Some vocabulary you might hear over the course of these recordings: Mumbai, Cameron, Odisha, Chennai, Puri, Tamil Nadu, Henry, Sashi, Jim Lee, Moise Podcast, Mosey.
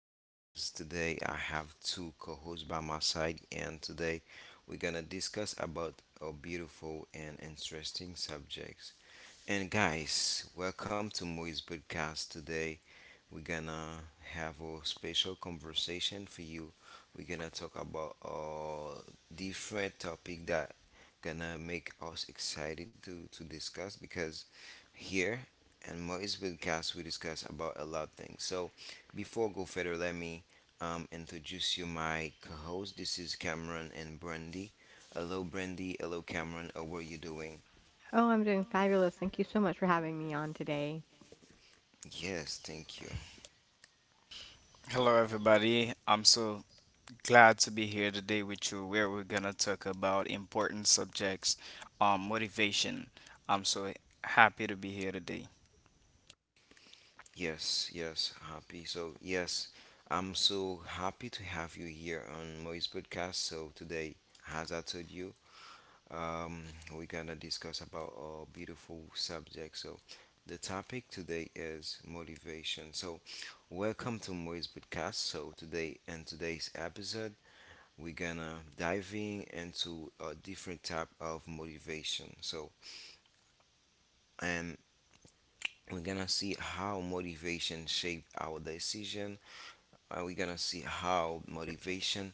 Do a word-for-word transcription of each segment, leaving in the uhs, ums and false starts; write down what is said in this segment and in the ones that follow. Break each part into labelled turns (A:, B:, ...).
A: because today I have two co-hosts by my side, and today we're gonna discuss about a beautiful and interesting subjects. And guys, welcome to Moise Podcast. Today we're gonna have a special conversation for you. We're gonna talk about a different topic that gonna make us excited to, to discuss because here and Moise podcast we discuss about a lot of things. So before go further, let me um, introduce you my co-host. This is Cameron and Brandy. Hello, Brandy. Hello, Cameron. How are you doing?
B: Oh, I'm doing fabulous. Thank you so much for having me on today,
A: Yes, thank you.
C: Hello, everybody. I'm so glad to be here today with you, where we're gonna talk about important subjects, um, motivation. I'm so happy to be here today.
A: Yes, yes, happy. So yes, I'm so happy to have you here on Moise podcast. So today, as I told you, Um, we're gonna discuss about our beautiful subject. So, the topic today is motivation. So, welcome to Moise Podcast. So, today in today's episode, we're gonna diving into a different type of motivation. So, and we're gonna see how motivation shaped our decision. Uh, we're gonna see how motivation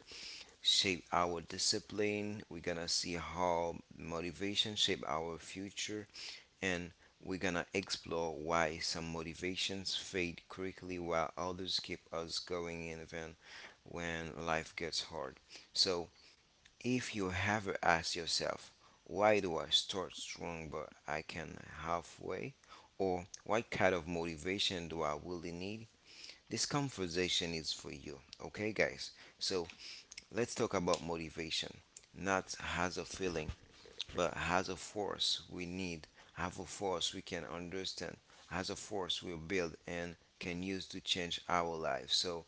A: shape our discipline. We're gonna see how motivation shape our future, and we're gonna explore why some motivations fade quickly while others keep us going even when life gets hard. So if you ever ask yourself, why do I start strong but I can halfway? Or what kind of motivation do I really need? This conversation is for you, okay, guys? So let's talk about motivation, not as a feeling, but as a force we need, as a force we can understand, as a force we build and can use to change our life. So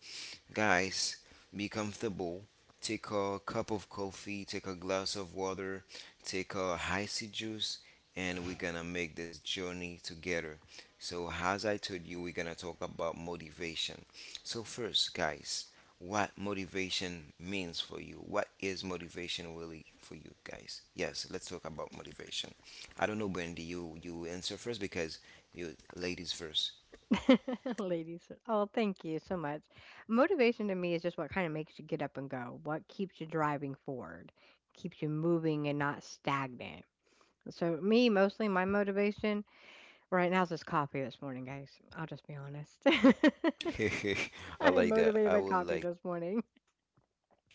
A: guys, be comfortable. Take a cup of coffee, take a glass of water, take a icy juice, and we're gonna make this journey together. So, as I told you, we're gonna talk about motivation. So, first, guys, what motivation means for you? What is motivation really for you, guys? Yes, let's talk about motivation. I don't know, Brandy, you you answer first because you ladies first.
B: ladies. Oh, thank you so much. Motivation to me is just what kind of makes you get up and go, what keeps you driving forward, keeps you moving and not stagnant. So, me, mostly my motivation right now is this coffee this morning, guys. I'll just be honest. I
A: I
B: am
A: like that.
B: motivated
A: I
B: by
A: would
B: coffee
A: like.
B: this morning.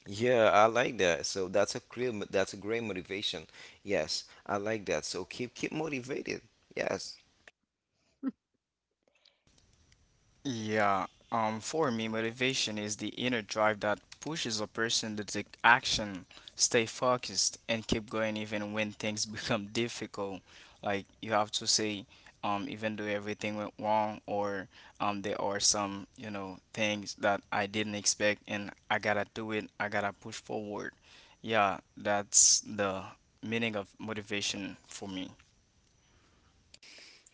A: Yeah, I like that. So that's a great, mo- that's a great motivation. Yes, I like that. So keep keep motivated. Yes,
C: Yeah, um, for me, motivation is the inner drive that pushes a person to take action, stay focused, and keep going even when things become difficult. Like you have to say, um, even though everything went wrong, or um, there are some you know things that I didn't expect, and I gotta do it. I gotta push forward. Yeah, that's the meaning of motivation for me.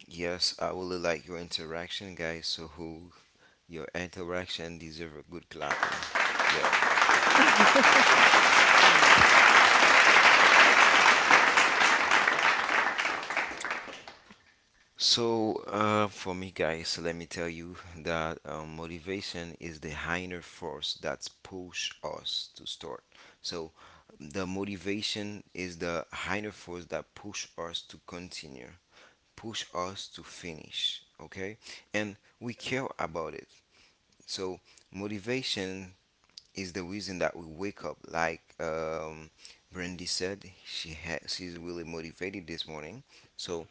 A: yes, I really like your interaction, guys. So who, your interaction deserve a good clapping. Yeah.
B: Got no plan.
A: So uh, for me, guys, let me tell you that um, motivation is the inner force that's push us to start. So the motivation is the inner force that push us to continue. Push us to finish, okay, and we care about it. So motivation is the reason that we wake up, like, um Brandy said she had she's really motivated this morning. So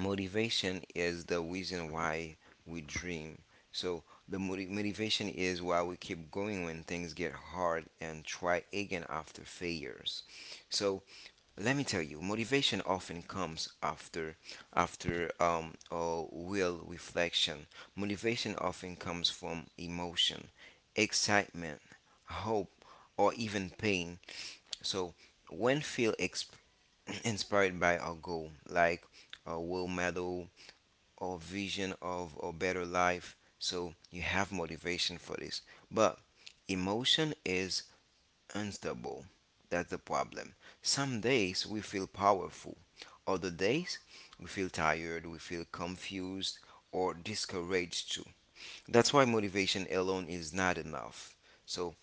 A: motivation is the reason why we dream. So the moti- motivation is why we keep going when things get hard and try again after failures. So let me tell you, motivation often comes after after um or will reflection. Motivation often comes from emotion, excitement, hope, or even pain. So when feel exp- inspired by a goal like a world medal or vision of a better life, so you have motivation for this. But emotion is unstable. That's the problem. Some days we feel powerful, other days we feel tired, we feel confused, or discouraged too. That's why motivation alone is not enough. So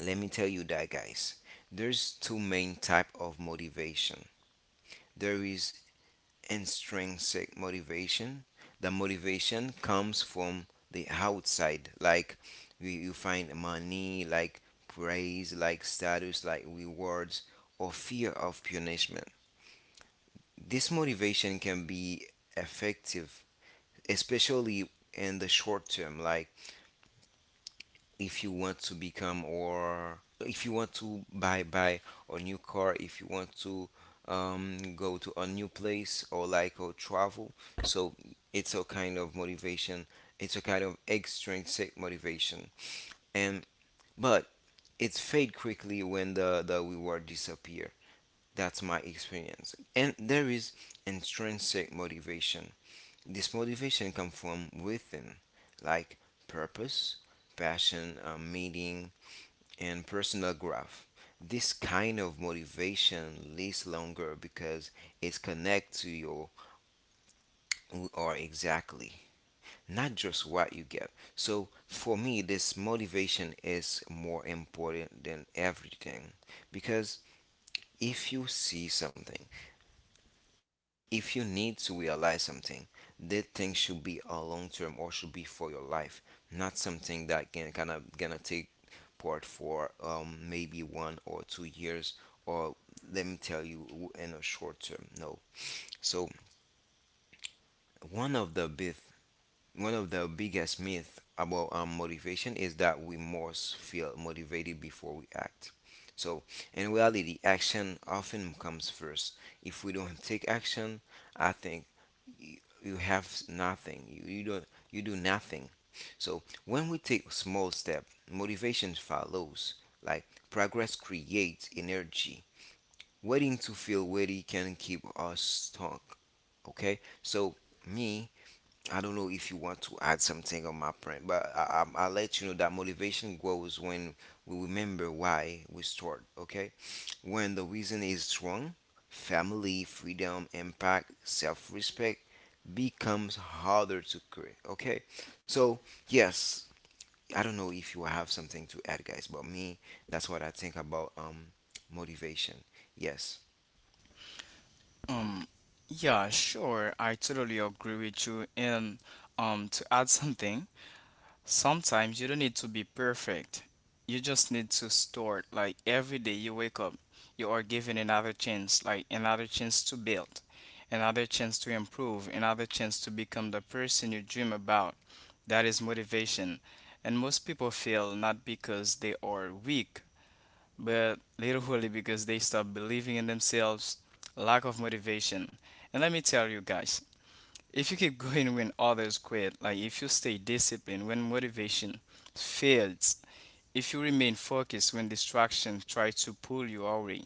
A: let me tell you that, guys. There's two main type of motivation. There is intrinsic motivation. The motivation comes from the outside, like you, you find money, like praise, like status, like rewards, or fear of punishment. This motivation can be effective, especially in the short term, like if you want to become or if you want to buy buy a new car, if you want to um, go to a new place or like or travel. So it's a kind of motivation, it's a kind of extrinsic motivation, and but it's fade quickly when the, the reward disappear. That's my experience. And there is intrinsic motivation. This motivation come from within, like purpose, passion, uh, meaning, and personal growth. This kind of motivation lasts longer because it's connected to your who are exactly, not just what you get. So for me, this motivation is more important than everything because if you see something, if you need to realize something, that thing should be a long term or should be for your life, not something that can kind of gonna take part for um, maybe one or two years, or let me tell you, in a short term. No. So one of the big, one of the biggest myth about um, motivation is that we must feel motivated before we act. So in reality, action often comes first. If we don't take action, I think you, you have nothing. You, you don't you do nothing. So when we take small step, motivation follows. Like progress creates energy. Waiting to feel ready can keep us stuck. Okay? So me, I don't know if you want to add something on my print, but I, I, I'll let you know that motivation grows when we remember why we start, okay? When the reason is strong, family, freedom, impact, self respect becomes harder to create, okay? So, yes, I don't know if you have something to add, guys, but me, that's what I think about um motivation. Yes.
C: Um, yeah, sure. I totally agree with you. And um, to add something, sometimes you don't need to be perfect. You just need to start. Like every day you wake up, you are given another chance, like another chance to build, another chance to improve, another chance to become the person you dream about. That is motivation. And most people fail not because they are weak, but literally because they stop believing in themselves, lack of motivation. And let me tell you guys, if you keep going when others quit, like if you stay disciplined when motivation fails, if you remain focused when distractions try to pull you away,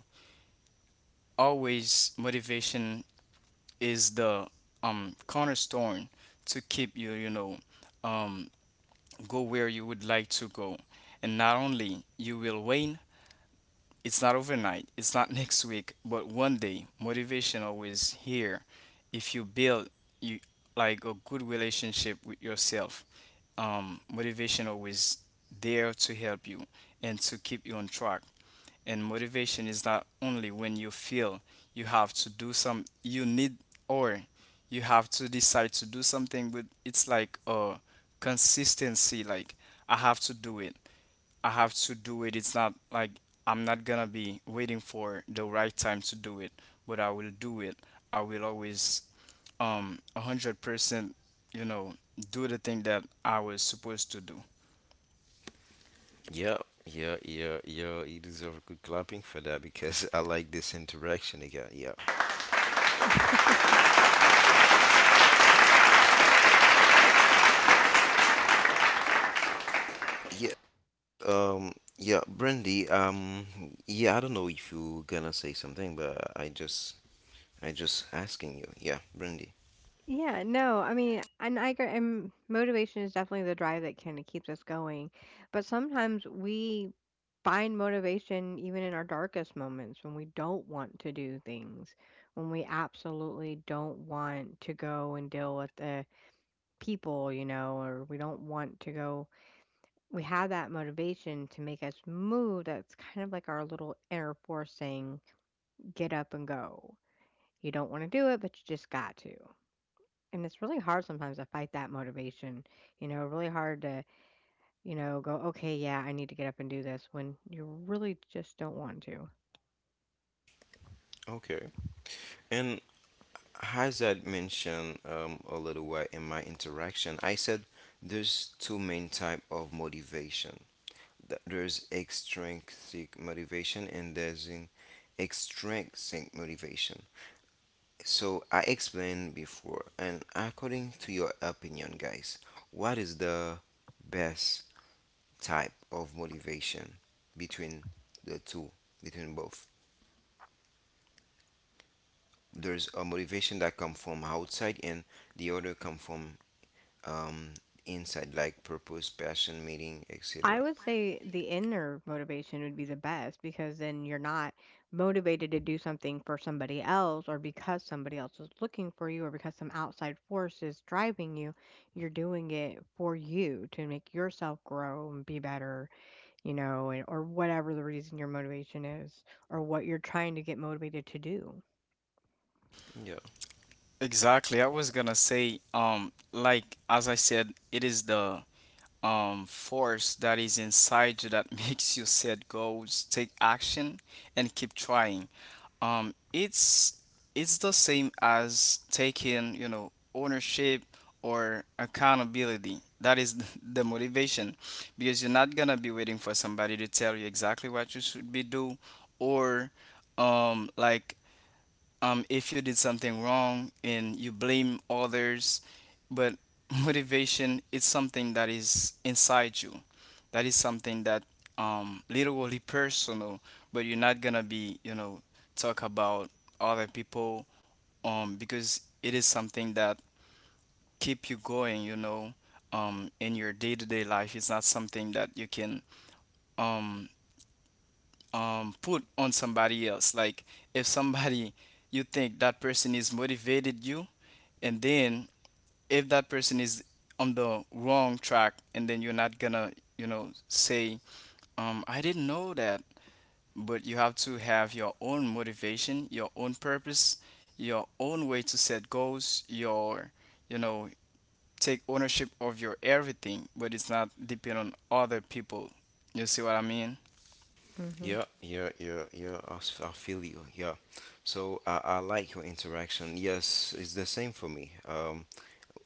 C: always motivation is the um cornerstone to keep you, you know, um go where you would like to go. And not only you will win. It's not overnight, it's not next week, but one day motivation always here. If you build you like a good relationship with yourself, um, motivation always there to help you and to keep you on track. And motivation is not only when you feel you have to do some you need, or you have to decide to do something, but it's like a consistency like I have to do it. I have to do it. It's not like I'm not gonna be waiting for the right time to do it, but I will do it. I will always um one hundred percent, you know, do the thing that I was supposed to do.
A: Yeah, yeah, yeah, yeah. You deserve a good clapping for that because I like this interaction again. Yeah, yeah, um, yeah, Brandy. Um, yeah, I don't know if you gonna say something, but I just, I just asking you. Yeah, Brandy.
B: Yeah, no, I mean, And I agree, and motivation is definitely the drive that kind of keeps us going. But sometimes we find motivation even in our darkest moments when we don't want to do things, when we absolutely don't want to go and deal with the people, you know, or we don't want to go. We have that motivation to make us move. That's kind of like our little inner force saying, get up and go. You don't want to do it, but you just got to. And it's really hard sometimes to fight that motivation, you know, really hard to, you know, go, okay, yeah, I need to get up and do this when you really just don't want to.
A: Okay. And as I mentioned um, a little while in my interaction, I said there's two main type of motivation. Th- There's extrinsic motivation and there's in- extrinsic motivation. So I explained before, and according to your opinion, guys, what is the best type of motivation between the two, between both? There's a motivation that come from outside, and the other come from um, inside, like purpose, passion, meaning,
B: I
A: et cetera.
B: would say the inner motivation would be the best because then you're not motivated to do something for somebody else or because somebody else is looking for you or because some outside force is driving you. You're doing it for you to make yourself grow and be better, you know, and, or whatever the reason your motivation is or what you're trying to get motivated to do.
A: Yeah,
C: Exactly. I was gonna say, um, like as I said, it is the um, force that is inside you that makes you set goals, take action, and keep trying. Um, it's it's the same as taking you know ownership or accountability. That is the motivation, because you're not gonna be waiting for somebody to tell you exactly what you should be do, or um, like um, if you did something wrong and you blame others, but motivation is something that is inside you, that is something that um, literally personal, but you're not gonna be you know talk about other people, um, because it is something that keep you going you know um, in your day-to-day life. It's not something that you can um, um, put on somebody else, like if somebody you think that person is motivated you, and then if that person is on the wrong track, and then you're not gonna you know say um I didn't know that. But you have to have your own motivation, your own purpose, your own way to set goals, your you know take ownership of your everything, but it's not depend on other people. You see what I mean?
B: Hmm.
A: yeah, yeah, yeah, yeah. I s- I feel you. Yeah. So I, I like your interaction. Yes, it's the same for me. Um,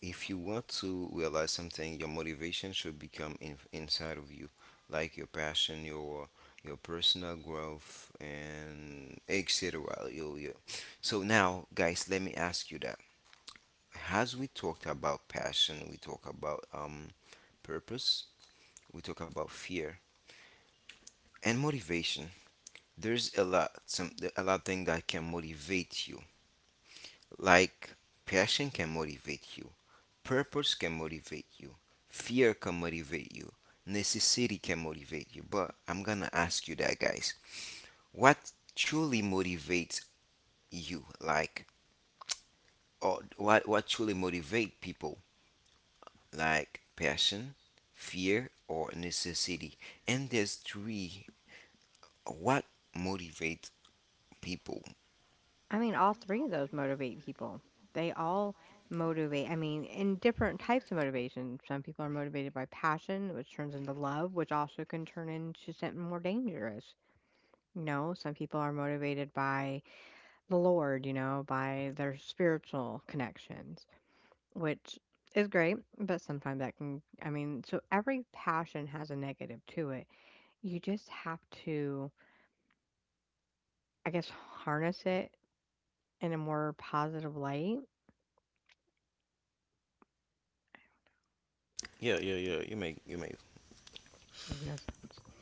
A: If you want to realize something, your motivation should become in, inside of you, like your passion, your your personal growth, and et cetera. Yo, yo. So now, guys, let me ask you that. As we talked about passion, we talk about um purpose, we talk about fear and motivation. There's a lot some a lot of thing that can motivate you. Like passion can motivate you, purpose can motivate you, fear can motivate you, necessity can motivate you. But I'm gonna ask you that, guys. What truly motivates you? Like, or what what truly motivate people? Like passion, fear, or necessity? And there's three. What motivates people?
B: I mean, all three of those motivate people. They all motivate. I mean, in different types of motivation. Some people are motivated by passion, which turns into love, which also can turn into something more dangerous. You know, some people are motivated by the Lord, you know, by their spiritual connections, which is great, but sometimes that can, I mean, so every passion has a negative to it. You just have to, I guess, harness it in a more positive light.
A: Yeah, yeah, yeah. You make you make.
B: Make no sense.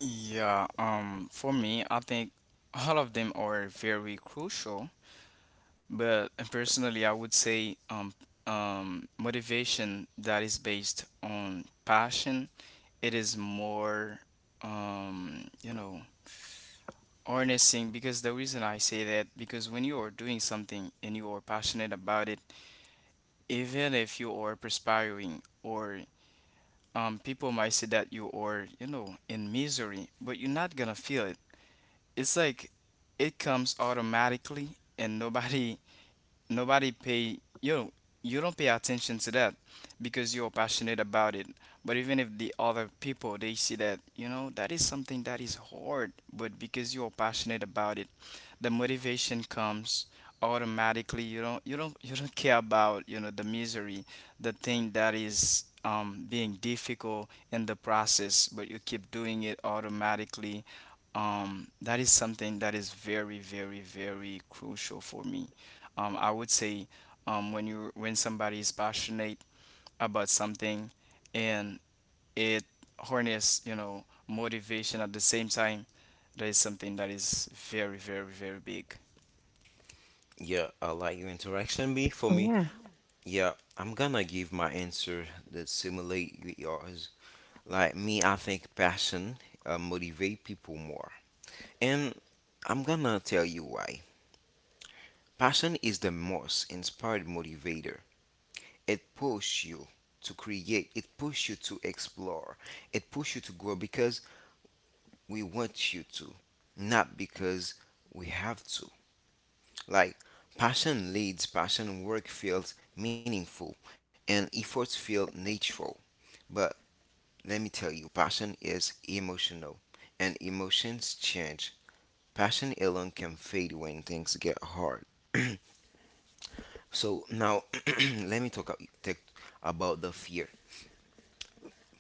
C: Yeah um for me I think all of them are very crucial. But uh, personally, I would say um, um, motivation that is based on passion. It is more, um, you know, harnessing. Because the reason I say that, because when you are doing something and you are passionate about it, even if you are perspiring, or um, people might say that you are, you know, in misery, but you're not gonna feel it. It's like it comes automatically and nobody nobody pay you know, you don't pay attention to that because you're passionate about it. But even if the other people they see that you know that is something that is hard, but because you're passionate about it, the motivation comes automatically. You don't you don't you don't care about you know the misery, the thing that is um, being difficult in the process, but you keep doing it automatically. Um, that is something that is very very very crucial for me. um, I would say um, when you when somebody is passionate about something and it harness you know motivation at the same time, that is something that is very very very big.
A: Yeah, I like your interaction. Be for me.
B: Yeah.
A: Yeah, I'm gonna give my answer that simulate yours. Like me, I think passion uh, motivate people more, and I'm gonna tell you why. Passion is the most inspired motivator. It pushes you to create. It pushes you to explore. It pushes you to grow because we want you to, not because we have to. Like passion leads, passion work feels meaningful, and efforts feel natural. But let me tell you, passion is emotional, and emotions change. Passion alone can fade when things get hard. So now, let me talk, ab- take about the fear.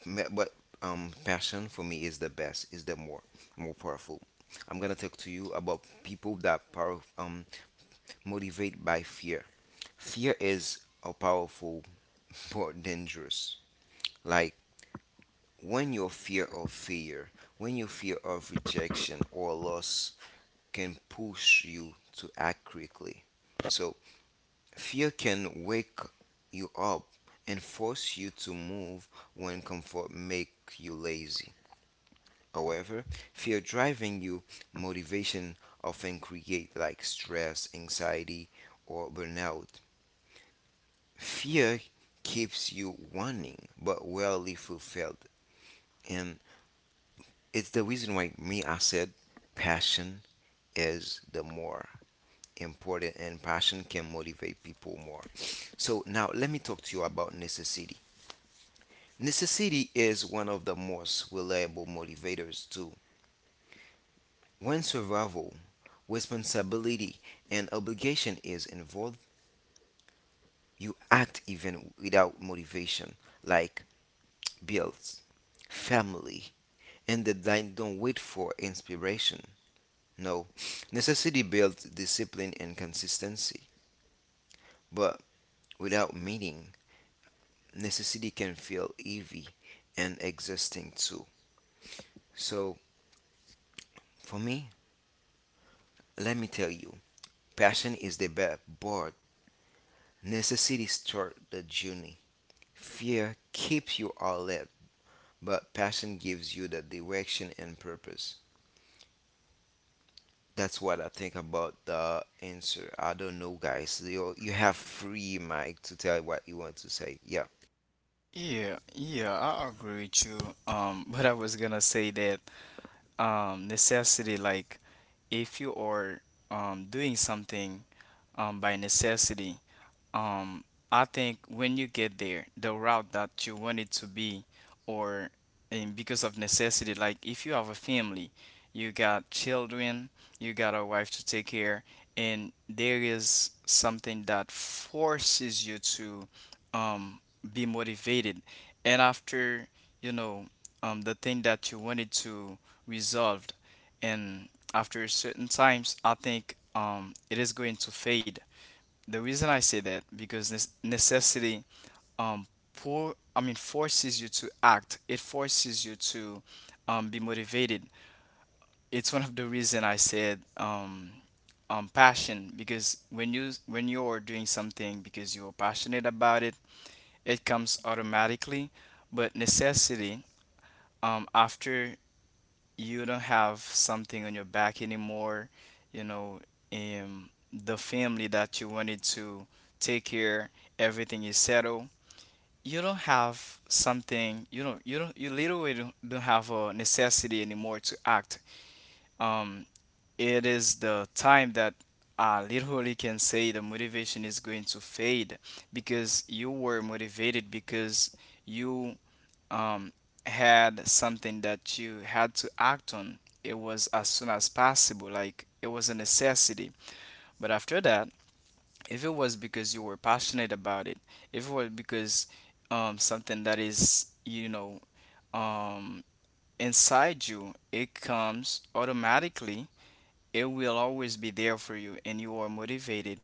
A: Me- But um, passion for me is the best, is the more more powerful. I'm gonna talk to you about people that power um motivate by fear. Fear is a powerful but dangerous. Like when your fear of fear, when your fear of rejection or loss can push you to act quickly. So, fear can wake you up and force you to move when comfort make you lazy. However, fear driving you motivation often create like stress, anxiety, or burnout. Fear keeps you wanting but rarely fulfilled. And it's the reason why me I said passion is the more important, and passion can motivate people more. So now let me talk to you about necessity. Necessity is one of the most reliable motivators too. When survival, responsibility, and obligation is involved, you act even without motivation, like bills, family, and the dy- don't wait for inspiration. No, necessity builds discipline and consistency, but without meaning, necessity can feel heavy and exhausting too. So, for me, let me tell you, passion is the backboard. Necessity starts the journey. Fear keeps you alert, but passion gives you the direction and purpose. That's what I think about the answer. I don't know, guys. You you have free mic to tell what you want to say. Yeah,
C: Yeah, yeah, I agree with you. Um, but I was gonna say that um, necessity, like if you are um, doing something um, by necessity, Um, I think when you get there, the route that you want it to be, or um, because of necessity, like if you have a family, you got children, you got a wife to take care, and there is something that forces you to um, be motivated. And after, you know, um, the thing that you wanted to resolved, and after certain times, I think um, it is going to fade. The reason I say that because nes- necessity um pour I mean forces you to act. It forces you to um, be motivated. It's one of the reason I said um, um passion, because when you when you're doing something because you're passionate about it, it comes automatically. But necessity um after you don't have something on your back anymore, you know, um, the family that you wanted to take care, everything is settled. You don't have something, you don't, you don't, you literally don't, don't have a necessity anymore to act. Um, it is the time that I literally can say the motivation is going to fade, because you were motivated because you um, had something that you had to act on, it was as soon as possible. Like it was a necessity. But after that, if it was because you were passionate about it, if it was because um, something that is, you know, um, inside you, it comes automatically. It will always be there for you and you are motivated,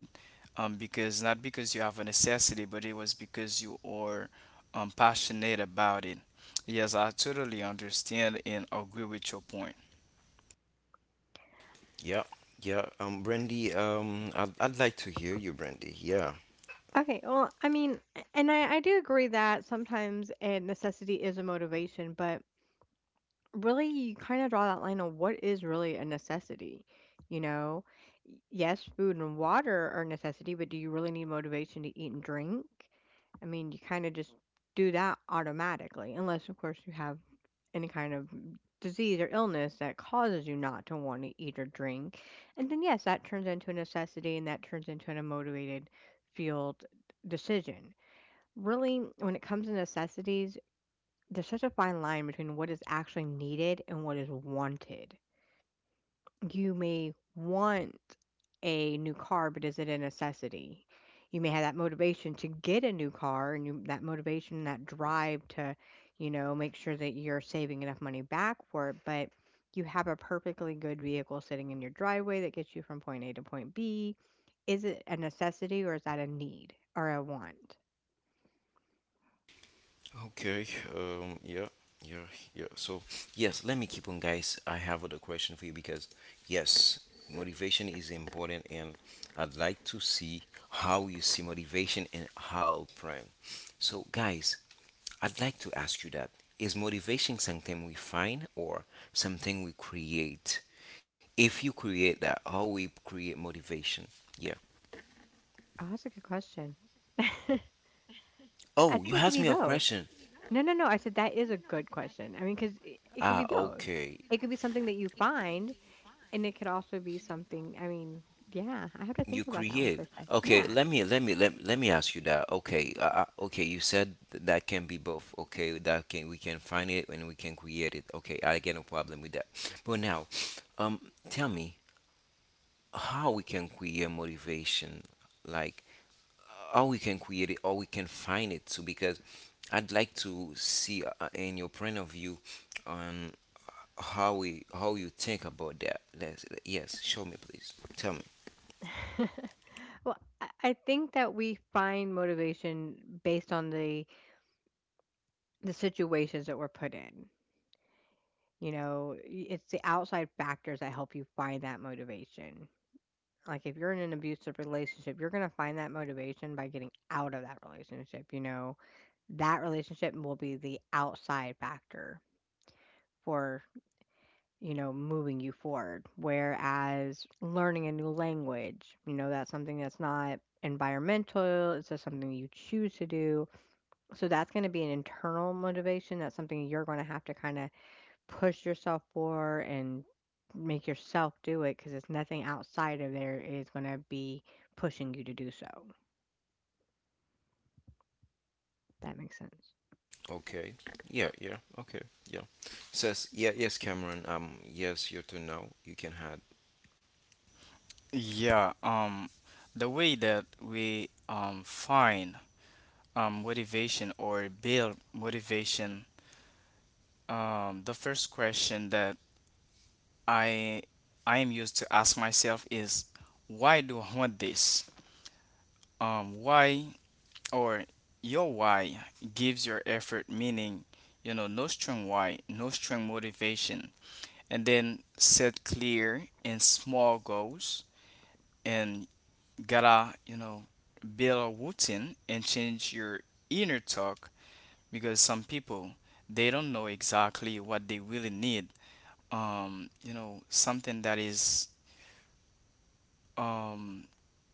C: um, because not because you have a necessity, but it was because you are um, passionate about it. Yes, I totally understand and agree with your point.
A: yeah, yeah. Um, Brandy. Um, I'd, I'd like to hear you, Brandy. Yeah.
B: Okay, well, I mean, a- and I, I do agree that sometimes a necessity is a motivation, but really you kind of draw that line on what is really a necessity. You know, Y- yes, food and water are a necessity, but do you really need motivation to eat and drink? I mean, you kind of just do that automatically, unless, of course, you have any kind of disease or illness that causes you not to want to eat or drink. And then, yes, that turns into a necessity and that turns into a motivated fueled decision. Really, when it comes to necessities, there's such a fine line between what is actually needed and what is wanted. You may want a new car, but is it a necessity? You may have that motivation to get a new car and you, that motivation, that drive to, you know, make sure that you're saving enough money back for it, but you have a perfectly good vehicle sitting in your driveway that gets you from point A to point B. Is it a necessity or is that a need or a want?
A: Okay. Um. Yeah. Yeah. Yeah. So yes, let me keep on, guys. I have other question for you because yes, motivation is important, and I'd like to see how you see motivation and how prime. So guys, I'd like to ask you that: Is motivation something we find or something we create? If you create that, how we create motivation? Yeah.
B: Oh, that's a good question. I
A: Oh,
B: think
A: you
B: it can
A: asked
B: be
A: me a
B: both.
A: question.
B: No, no, no. I said that is a good question. I mean, because it, it could be
A: Ah,
B: both.
A: okay.
B: It could be something that you find, and it could also be something. I mean, yeah, I have to
A: You
B: think about that one for
A: create.
B: a sec.
A: Okay,
B: Yeah.
A: let me let me let, let me ask you that. Okay, uh, uh, okay, you said th- that can be both. Okay, that can we can find it and we can create it. Okay, I get no problem with that. But now, um, tell me how we can create motivation, like how we can create it or we can find it too. Because I'd like to see uh, uh, in your point of view on how we how you think about that. Let's, yes, show me please. Tell me.
B: Well, I I think that we find motivation based on the the situations that we're put in. You know, y- it's the outside factors that help you find that motivation. Like if you're in an abusive relationship, you're going to find that motivation by getting out of that relationship, you know. That relationship will be the outside factor for, you know, moving you forward. Whereas learning a new language, you know, that's something that's not environmental, it's just something you choose to do. So that's going to be an internal motivation. That's something you're going to have to kind of push yourself for and make yourself do it because it's nothing outside of there is going to be pushing you to do so. That makes sense.
A: Okay. Yeah, yeah. Okay. Yeah. Says, yeah, yes, Cameron. Um, yes, your turn now. You can have.
C: yeah um, the way that we um, find um, motivation or build motivation, um, the first question that i i am used to ask myself is why do I want this, um, why, or your why gives your effort meaning. You know, no strong why, no strong motivation. And then set clear and small goals, and gotta you know build a routine and change your inner talk, because some people they don't know exactly what they really need. um you know something that is um,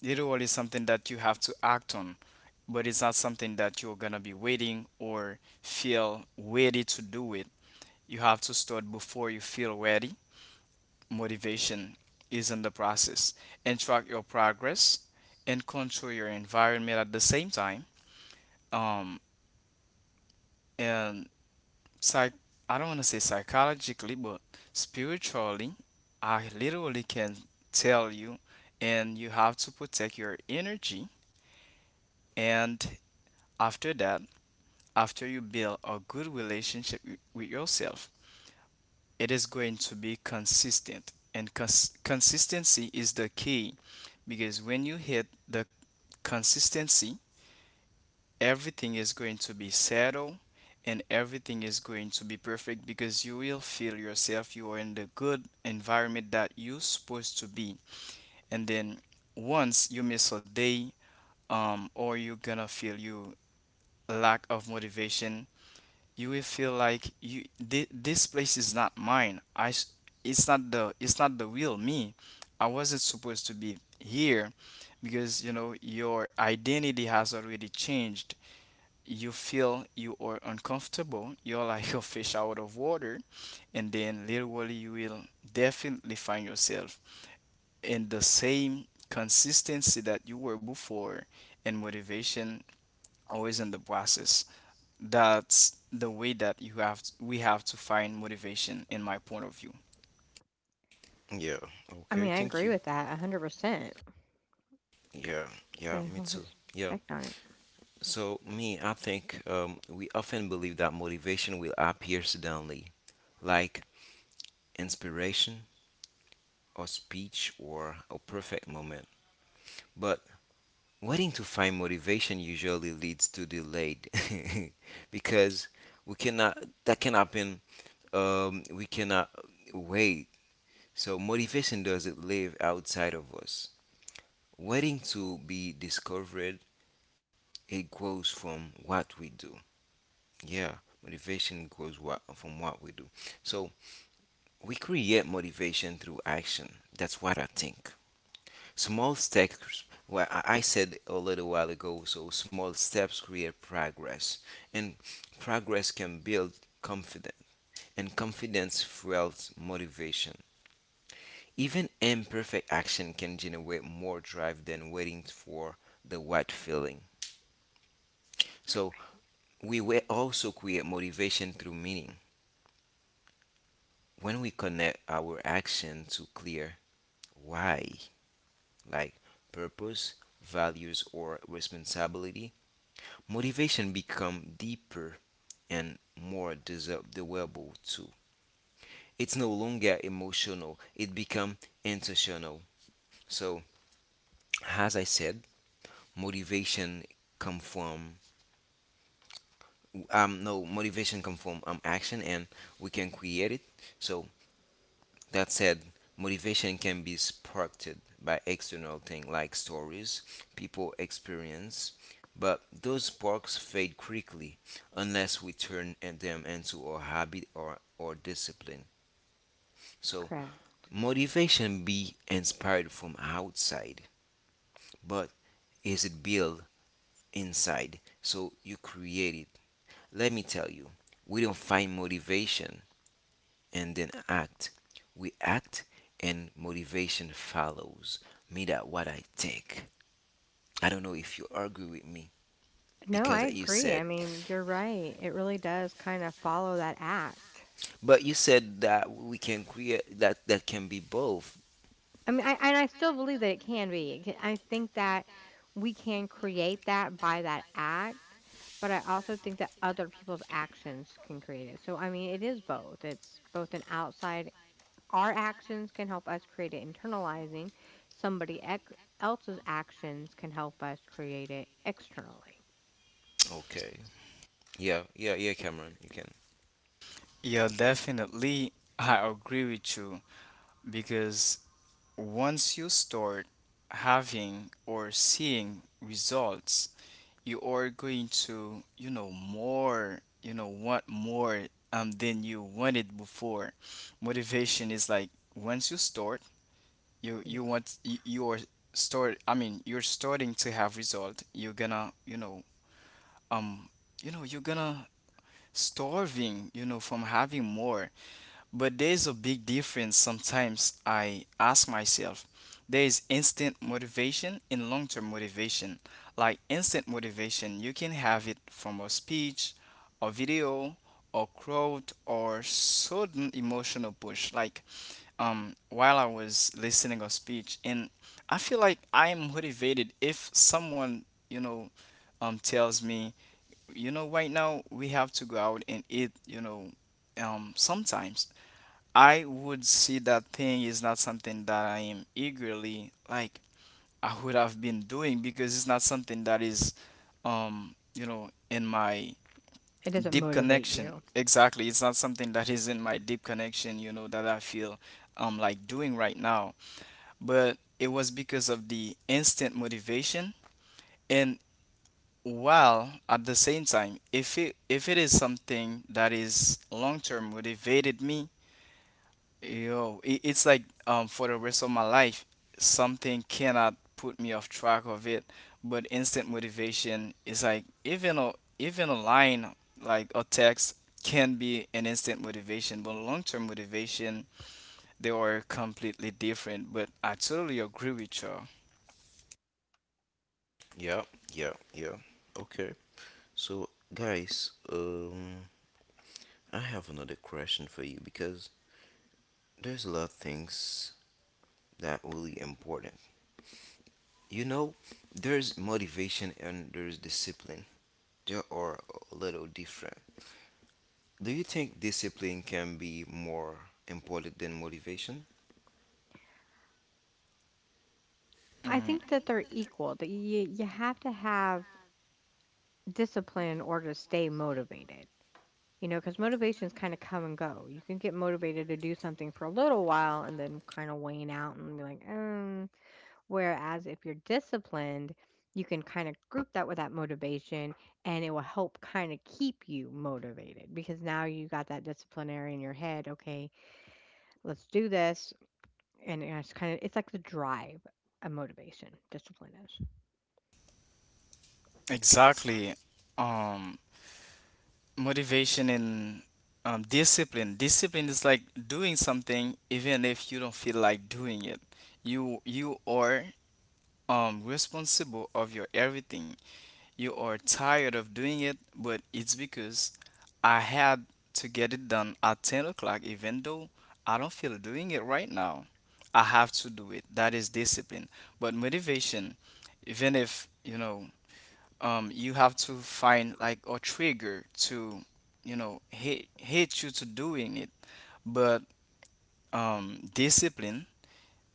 C: literally something that you have to act on, but it's not something that you're gonna be waiting or feel ready to do it. You have to start before you feel ready. Motivation is in the process, and track your progress and control your environment at the same time. Um, and psych, I don't want to say psychologically, but spiritually, I literally can tell you, and you have to protect your energy. And after that, after you build a good relationship wi- with yourself, it is going to be consistent. And cons- consistency is the key, because when you hit the consistency, everything is going to be settled and everything is going to be perfect, because you will feel yourself you are in the good environment that you're supposed to be. And then once you miss a day, um, or you're gonna feel you lack of motivation, you will feel like you thi- this place is not mine. I s- it's not the it's not the real me. I wasn't supposed to be here, because you know your identity has already changed. You feel you are uncomfortable. You're like a fish out of water, and then literally you will definitely find yourself in the same consistency that you were before, and motivation always in the process. That's the way that you have t- we have to find motivation, in my point of view.
A: Yeah.
B: I
A: Okay.
B: mean, I
A: Thank
B: agree
A: you.
B: with that one hundred percent.
A: Yeah.
B: Put
A: Yeah,
B: a
A: me
B: whole new
A: too. Yeah.
B: spec on it.
A: So, me, I think um, we often believe that motivation will appear suddenly, like inspiration or speech or a perfect moment. But waiting to find motivation usually leads to delayed because we cannot, that can happen. Um, we cannot wait. So motivation doesn't live outside of us. Waiting to be discovered, it grows from what we do. Yeah, motivation grows what, from what we do. So we create motivation through action. That's what I think. Small steps. Well, I I said a little while ago. So small steps create progress, and progress can build confidence, and confidence fuels motivation. Even imperfect action can generate more drive than waiting for the right feeling. So we will also create motivation through meaning. When we connect our action to clear why, like purpose, values, or responsibility, motivation become deeper and more desirable too. It's no longer emotional; it become intentional. So, as I said, motivation come from um no, motivation comes from um action, and we can create it. So that said, motivation can be sparked by external things like stories, people experience, but those sparks fade quickly unless we turn in them into a habit or or discipline. So
B: Correct.
A: motivation be inspired from outside, but is it built inside, so you create it. Let me tell you, we don't find motivation and then act. We act and motivation follows. Me that what I think. I don't know if you agree with me
B: No, I
A: because you
B: agree.
A: said
B: I mean, you're right. It really does kind of follow that act.
A: but you said that we can create that, that can be both.
B: I mean, I, and I still believe that it can be. It can- I think that we can create that by that act, but I also think that other people's actions can create it. So, I mean, it is both. It's both an outside, our actions can help us create it internalizing, somebody ex- else's actions can help us create it externally.
A: Okay. Yeah, yeah, yeah, Cameron, you can.
C: Yeah, definitely. I agree with you because once you start having or seeing results, you are going to, you know, more, you know, want more um than you wanted before. Motivation is like, once you start, you
B: You
C: you
B: just can't.
C: want you, you are start I mean you're starting to have result. You're gonna, you know, um you know, you're gonna starving, you know, from having more. But there's a big difference. Sometimes I ask myself, there is instant motivation and long-term motivation. Like, instant motivation, you can have it from a speech, a video, a quote, or sudden emotional push. Like, um while I was listening a speech and I feel like I am motivated. If someone, you know, um tells me, you know, right now we have to go out and eat, you know, um sometimes I would see that thing is not something that I am eagerly, like, I would have been doing, because it's not something that is, um you know, in my
B: It doesn't
C: deep
B: motivate
C: connection.
B: you.
C: Exactly, it's not something that is in my deep connection, you know, that I feel um like doing right now. But it was because of the instant motivation. And while at the same time, if it if it is something that is long term motivated me, yo, it, it's like um for the rest of my life, something cannot put me off track of it. But instant motivation is like even a even a line, like a text, can be an instant motivation, but long term motivation, they are completely different. But I totally agree with you.
A: Yeah, yeah, yeah. Okay. So guys, um I have another question for you because there's a lot of things that really important. You know, there's motivation and there's discipline. They are a little different. Do you think discipline can be more important than motivation?
B: I
C: Mm.
B: think that they're equal, that you you have to have discipline in order to stay motivated, you know, know, 'cause motivations kinda come and go. You can get motivated to do something for a little while and then kinda wane out and be like, "Mm." Whereas if you're disciplined, you can kinda group that with that motivation, and it will help kinda keep you motivated because now you got that disciplinary in your head, "Okay, let's do this," and it's kinda it's like the drive a motivation, discipline is.
C: Exactly. Um, Motivation and, um, discipline. Discipline is like doing something even if you don't feel like doing it. You you are um responsible of your everything. You are tired of doing it, but it's because I had to get it done at ten o'clock, even though I don't feel doing it right now. I have to do it. That is discipline. But motivation, even if you know, um you have to find like a trigger to, you know, hit hit you to doing it. But um discipline,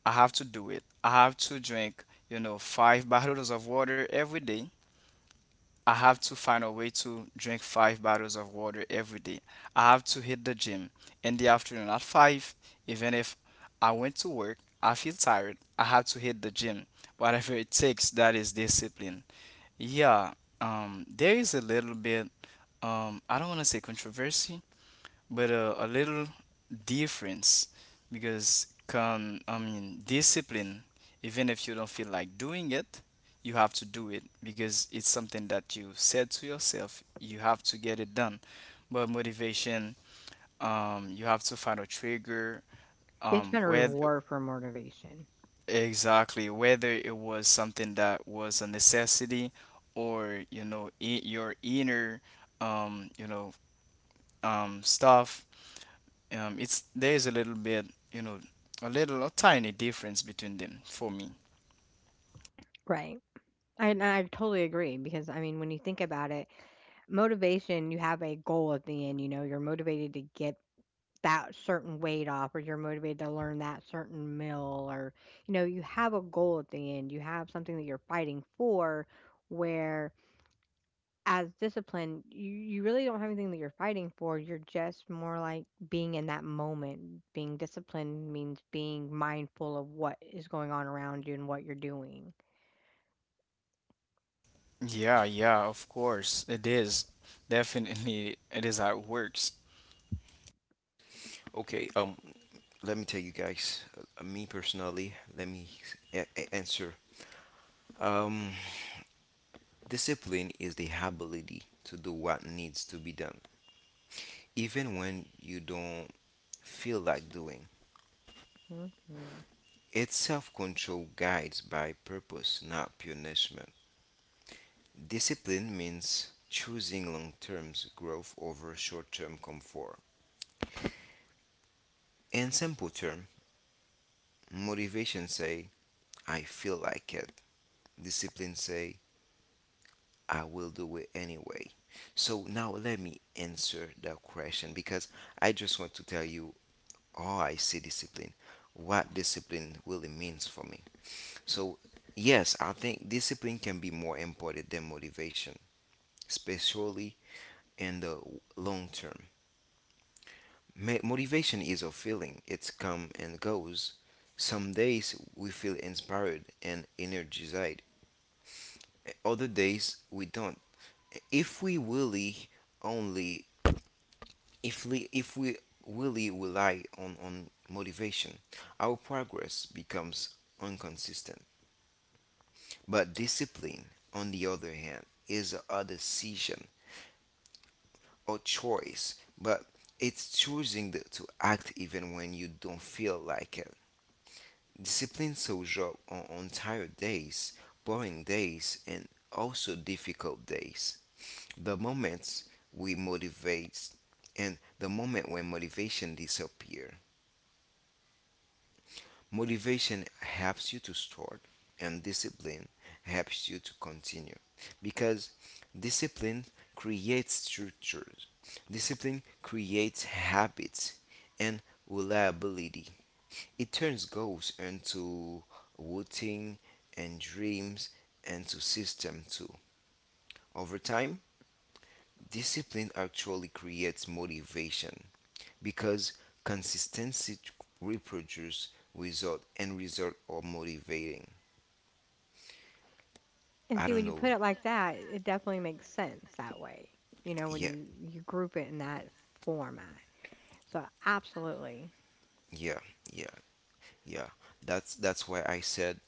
C: I have to do it. I have to drink, you know, five bottles of water every day. I have to find a way to drink five bottles of water every day. I have to hit the gym in the afternoon at five. Even if I went to work, I feel tired. I have to hit the gym. Whatever it takes, that is discipline. Yeah, um, there is a little bit, um, I don't want to say controversy, but uh, a little difference. Because can I mean, discipline, even if you don't feel like doing it, you have to do it because it's something that you said to yourself you have to get it done. But motivation, um, you have to find a trigger,
B: It's
C: um,
B: been a
C: where
B: reward for motivation.
C: exactly, whether it was something that was a necessity, or, you know, i- your inner, um, you know, um, stuff. Um, it's There is a little bit, you know, a little, a tiny difference between them for me.
B: Right. I, And I totally agree because, I mean, when you think about it, motivation, you have a goal at the end. You know, you're motivated to get that certain weight off, or you're motivated to learn that certain meal, or, you know, you have a goal at the end. You have something that you're fighting for, where as discipline, you, you really don't have anything that you're fighting for. You're just more like being in that moment. Being disciplined means being mindful of what is going on around you and what you're doing.
C: Yeah, yeah, of course it is. Definitely, it is how it works.
A: Okay, um, let me tell you guys, uh, me personally, let me a- a- answer. Um, discipline is the ability to do what needs to be done, even when you don't feel like doing.
B: Mhm.
A: It's self control guides by purpose, not punishment. Discipline means choosing long term growth over short term comfort. In simple terms, motivation say I feel like it. Discipline say I will do it anyway. So now let me answer that question because I just want to tell you how I see discipline, what discipline really means for me. So yes, I think discipline can be more important than motivation, especially in the long term. Ma- motivation is a feeling. It's come and goes. Some days we feel inspired and energized. Other days we don't. If we really only if we if we really rely on, on motivation, our progress becomes inconsistent. But discipline, on the other hand, is a decision or choice. But it's choosing the, to act even when you don't feel like it. Discipline shows up on, on tired days, boring days, and also difficult days. The moments we motivate and the moment when motivation disappears. Motivation helps you to start, and discipline helps you to continue. Because discipline creates structures, discipline creates habits and reliability. It turns goals into routine and dreams into system too. Over time, discipline actually creates motivation because consistency reproduces result and result are motivating.
B: And
A: I
B: see,
A: don't
B: when you
A: know.
B: put it like that, it definitely makes sense that way. You know, when
A: Yeah,
B: you you group it in that format. So absolutely.
A: yeah, yeah, yeah. That's that's why I said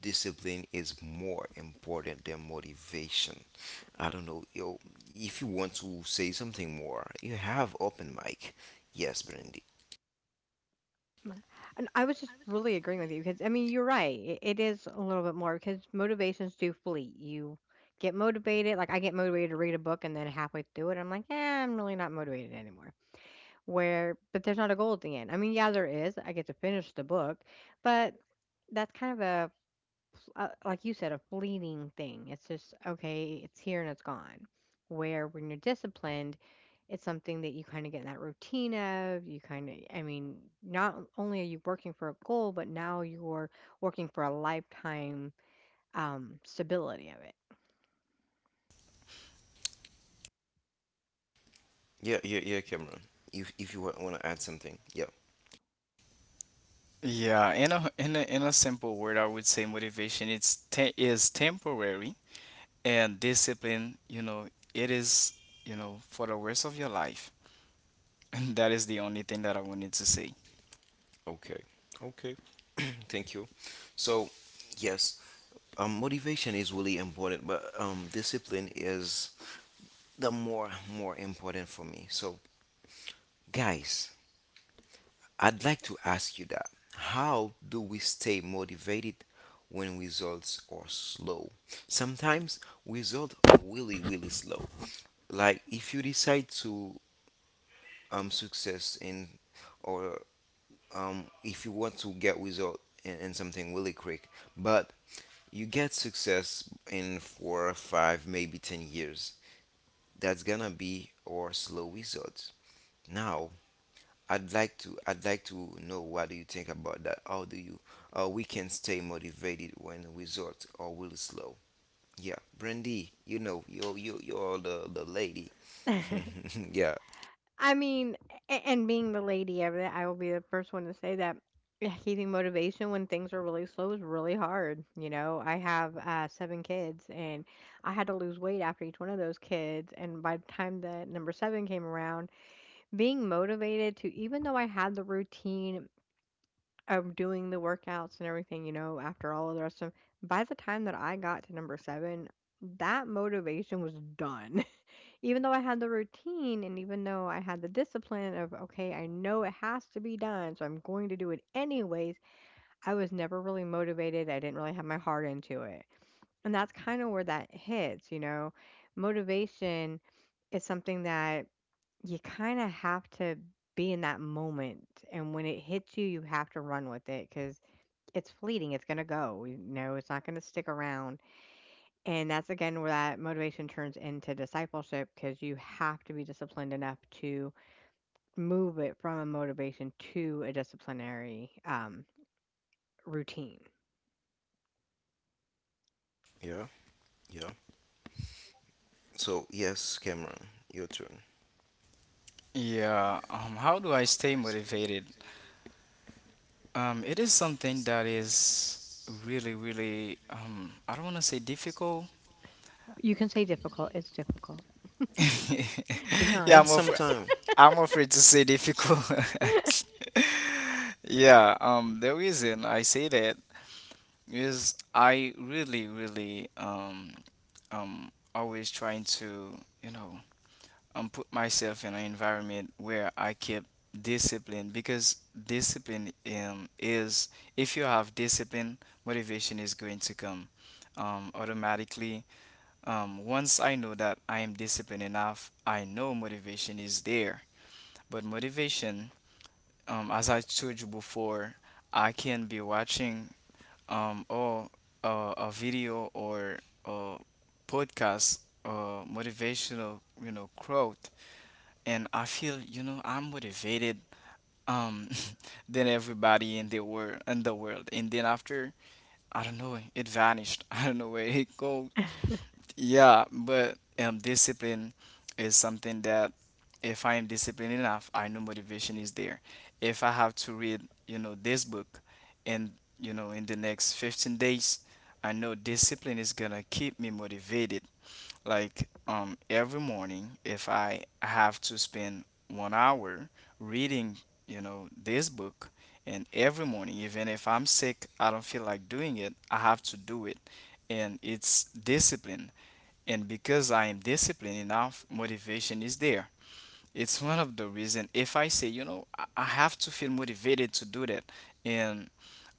A: discipline is more important than motivation. I don't know, yo, if you want to say something more, you have open mic. Yes, Brandy.
B: Mm. And I was just really agreeing with you because I mean, you're right. It, it is a little bit more because motivations do fleet. You get motivated, like I get motivated to read a book, and then halfway through it, I'm like, yeah, I'm really not motivated anymore. Where, but there's not a goal at the end. I mean, yeah, there is. I get to finish the book, but that's kind of uh, like you said, a fleeting thing. It's just, okay, it's here and it's gone. Where when you're disciplined, it's something that you kind of get in that routine of. You kind of, I mean, not only are you working for a goal, but now you're working for a lifetime um, stability of
A: Yeah, yeah, yeah, Cameron. If if you want to add something, yeah.
C: Yeah, in a in a in a simple word, I would say motivation, it's te is temporary, and discipline, you know, it is, you know, for the rest of your life. And that is the only thing that I wanted to say.
A: Okay. Okay. Thank you. So, yes, um, motivation is really important, but um, discipline is the more more important for me. So, guys, I'd like to ask you that. How do we stay motivated when results are slow? Sometimes results are really, really slow. Like if you decide to um success in or um if you want to get result in, in something really quick, but you get success in four or five, maybe ten years. That's gonna be our slow results. Now I'd like to I'd like to know what do you think about that? How do you uh, we can stay motivated when results are really slow? Yeah, Brandy, you know you're you you're the the lady.
B: it.
A: Yeah,
B: I mean, a- and being the lady of it, I will be the first one to say that yeah, keeping motivation when things are really slow is really hard. You know, I have uh, seven kids, and I had to lose weight after each one of those kids. And by the time that number seven came around, being motivated to, even though I had the routine of doing the workouts and everything, you know, after all of the rest of, by the time that I got to number seven, that motivation was done. Even though I had the routine and even though I had the discipline of, okay, I know it has to be done, so I'm going to do it anyways, I was never really motivated. I didn't really have my heart into it. And that's kind of where that hits, you know. Motivation is something that you kind of have to be in that moment. And when it hits you, you have to run with it because it's fleeting. It's going to go. You know, it's not going to stick around. And that's again where that motivation turns into discipleship because you have to be disciplined enough to move it from a motivation to a disciplinary um, routine.
A: yeah, yeah. So yes, Cameron, your turn.
C: Yeah. Um. How do I stay motivated? Um, it is something that is really, really, um, I don't want to say difficult.
B: You can say difficult, it's difficult. Be
C: Yeah,
A: And
C: I'm
B: honest.
C: afraid,
A: sometime,
C: I'm afraid to say difficult. Yeah, um, the reason I say that is I really, really, um, um, always trying to, you know, and put myself in an environment where I keep discipline. Because discipline, um, is, if you have discipline, motivation is going to come um, automatically. Um, once I know that I am disciplined enough, I know motivation is there. But motivation, um, as I told you before, I can be watching, um, or uh, a video or a podcast, uh, motivational, you know, quote, and I feel, you know, I'm motivated um than everybody in the world in the world. And then after, I don't know, it vanished. I don't know where it go. Yeah, but um discipline is something that, if I am disciplined enough, I know motivation is there. If I have to read, you know, this book and, you know, in the next fifteen days, I know discipline is gonna keep me motivated. Like, um every morning, if I have to spend one hour reading, you know, this book, and every morning, even if I'm sick, I don't feel like doing it, I have to do it, and it's discipline. And because I am disciplined enough, motivation is there. It's one of the reason, if I say, you know, I I have to feel motivated to do that, and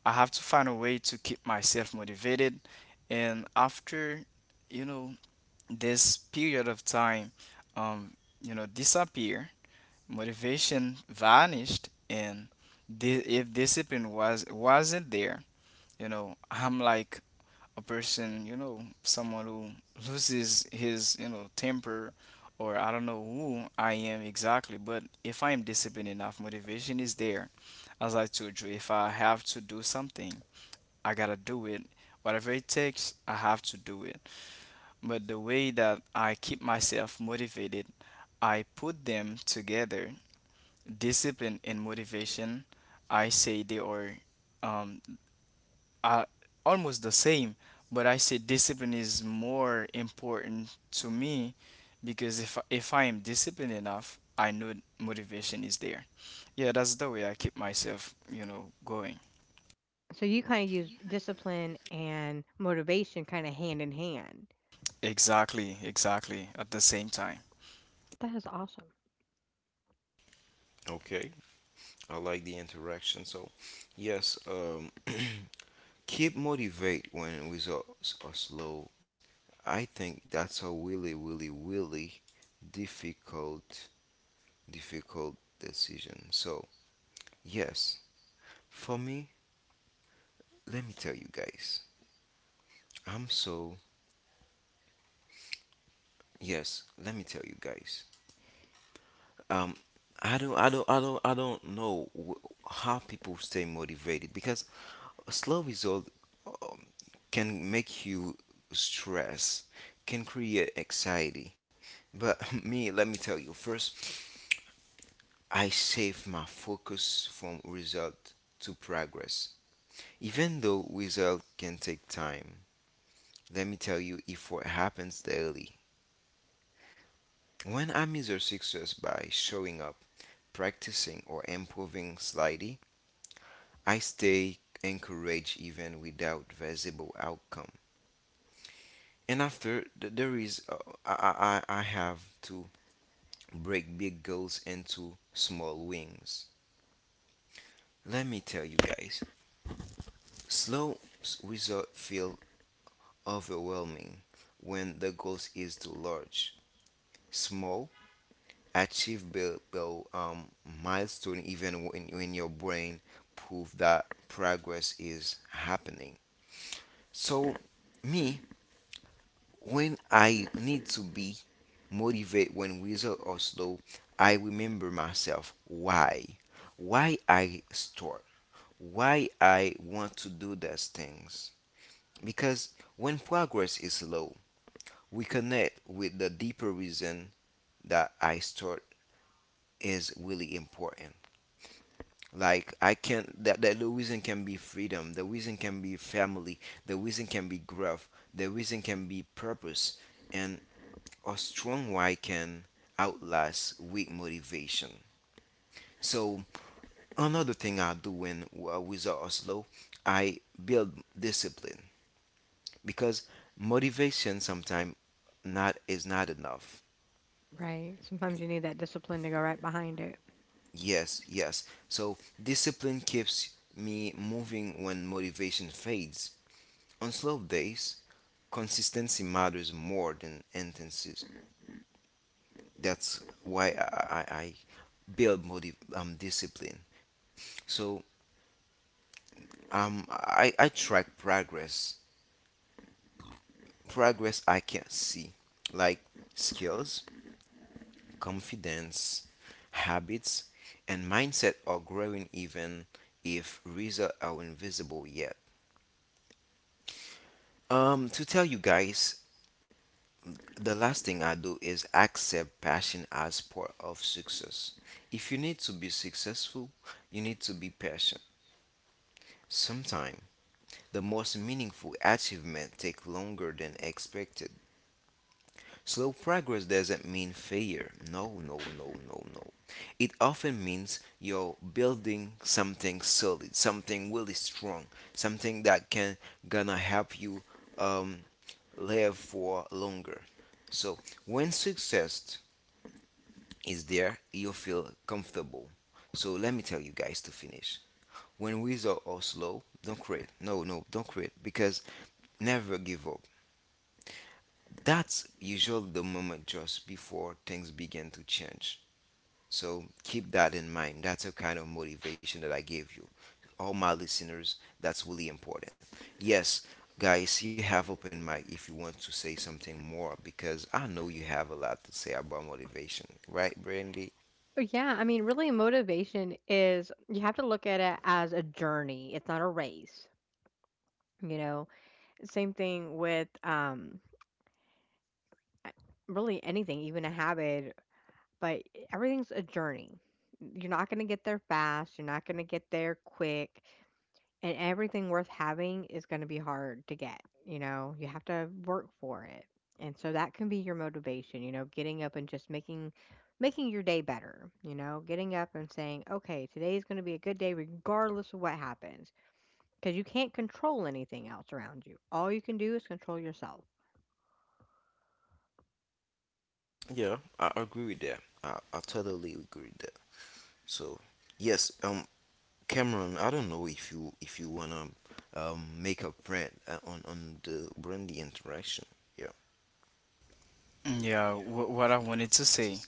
C: I have to find a way to keep myself motivated, and after, you know, this period of time, um, you know, disappear, motivation vanished, and di- if discipline was wasn't there, you know, I'm like a person, you know, someone who loses his, you know, temper, or I don't know who I am exactly. But if I am disciplined enough, motivation is there. As I told you, if I have to do something, I gotta do it. Whatever it takes, I have to do it. But the way that I keep myself motivated, I put them together. Discipline and motivation, I say they are, um, are almost the same, but I say discipline is more important to me because if if I am disciplined enough, I know motivation is there. Yeah, that's the way I keep myself, you know, going.
B: So you kind of use discipline and motivation kind of hand in hand.
C: Exactly, exactly. At the same time.
B: That is awesome,
A: okay. I like the interaction. So yes, um, keep motivate when results are slow. I think that's a really really really difficult difficult decision. So, yes, for me, let me tell you guys. I'm so yes, let me tell you guys. Um I don't I don't I don't I don't know wh- how people stay motivated because a slow result um, can make you stress, can create anxiety. But me, let me tell you first, I save my focus from result to progress. Even though result can take time, let me tell you, if what happens daily, when I measure success by showing up, practicing, or improving slightly, I stay encouraged even without visible outcome. And after, th- there is, uh, I, I, I have to break big goals into small wings. Let me tell you guys, slow s- results feel overwhelming when the goal is too large. Small achievable um, milestone even when, when your brain prove that progress is happening. So me, when I need to be motivated when results are slow, I remember myself why why I start, why I want to do those things, because when progress is slow, we connect with the deeper reason that I start is really important. Like I can that, that the reason can be freedom, the reason can be family, the reason can be growth, the reason can be purpose, and a strong why can outlast weak motivation. So another thing I do when uh, with are slow, I build discipline because motivation sometimes not is not enough.
B: right? Sometimes you need that discipline to go right behind it.
A: Yes, yes. So discipline keeps me moving when motivation fades. On slow days, consistency matters more than intensity. That's why I, I, I build motive um discipline. So um I, I track progress. Progress I can see, like skills, confidence, habits, and mindset are growing even if results are invisible yet. Um to tell you guys, the last thing I do is accept passion as part of success. If you need to be successful, you need to be patient. Sometimes the most meaningful achievement take longer than expected. Slow progress doesn't mean failure. No, no, no, no, no. It often means you're building something solid, something really strong, something that can gonna help you um, live for longer. So when success is there, you'll feel comfortable. So let me tell you guys to finish. When results are slow, don't quit. No, no, don't quit because never give up. That's usually the moment just before things begin to change. So keep that in mind. That's a kind of motivation that I gave you. All my listeners, that's really important. Yes, guys, you have open mic if you want to say something more because I know you have a lot to say about motivation, right, Brandy?
B: Oh, yeah, I mean, really, motivation is you have to look at it as a journey, it's not a race. You know, same thing with um, a- really anything, even a habit, but everything's a journey. You're not going to get there fast. You're not going to get there quick. And everything worth having is going to be hard to get. You know, you have to work for it. And so that can be your motivation, you know, getting up and just making making your day better, you know, getting up and saying, "Okay, today is going to be a good day regardless of what happens." Because you can't control anything else around you. All you can do is control yourself.
A: Yeah, I agree with that. I, I totally agree with that. So, yes, um, Cameron, I don't know if you if you wanna um make a print uh, on on the Brandy interaction. Yeah,
C: Yeah, wh- what I wanted to say.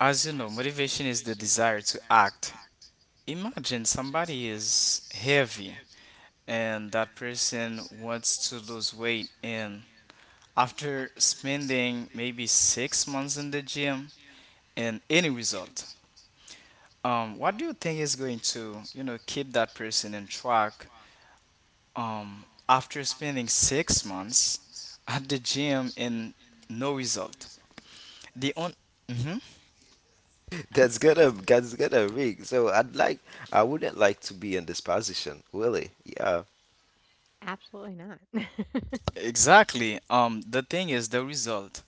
C: As you know, motivation is the desire to act. Imagine somebody is heavy and that person wants to lose weight, and after spending maybe six months in the gym and any result, um, what do you think is going to, you know, keep that person in track, um, after spending six months at the gym and no result? The on- Mhm.
A: that's gonna that's gonna rig. So I'd like I wouldn't like to be in this position, really. Yeah.
B: Absolutely not.
C: Exactly. Um, the thing is the result.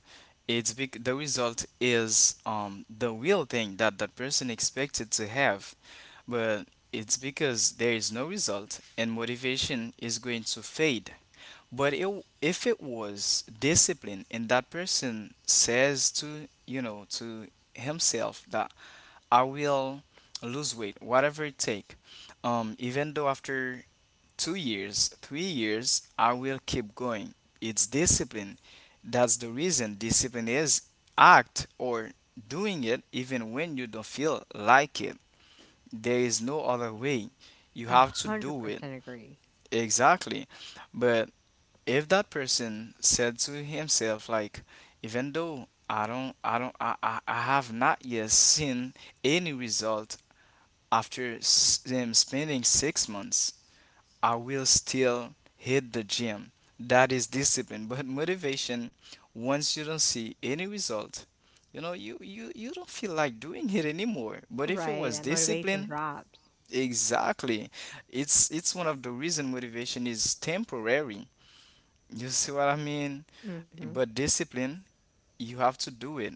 C: It's bec- the result is um the real thing that that person expected to have, but it's because there is no result and motivation is going to fade. But it, w- if it was discipline and that person says, to you know, to himself, that I will lose weight, whatever it take, um, even though after two years, three years, I will keep going. It's discipline. That's the reason discipline is act, or doing it even when you don't feel like it. There is no other way. You have to do it.
B: one hundred percent agree.
C: Exactly. But if that person said to himself, like, even though I don't I don't I, I, I have not yet seen any result after s- um, spending six months, I will still hit the gym. That is discipline. But motivation, once you don't see any result, you know, you, you, you don't feel like doing it anymore. But if it
B: Right,
C: was
B: that motivation
C: discipline,
B: drops.
C: exactly. It's it's one of the reason motivation is temporary. You see what I mean?
B: Mhm.
C: But discipline, you have to do it,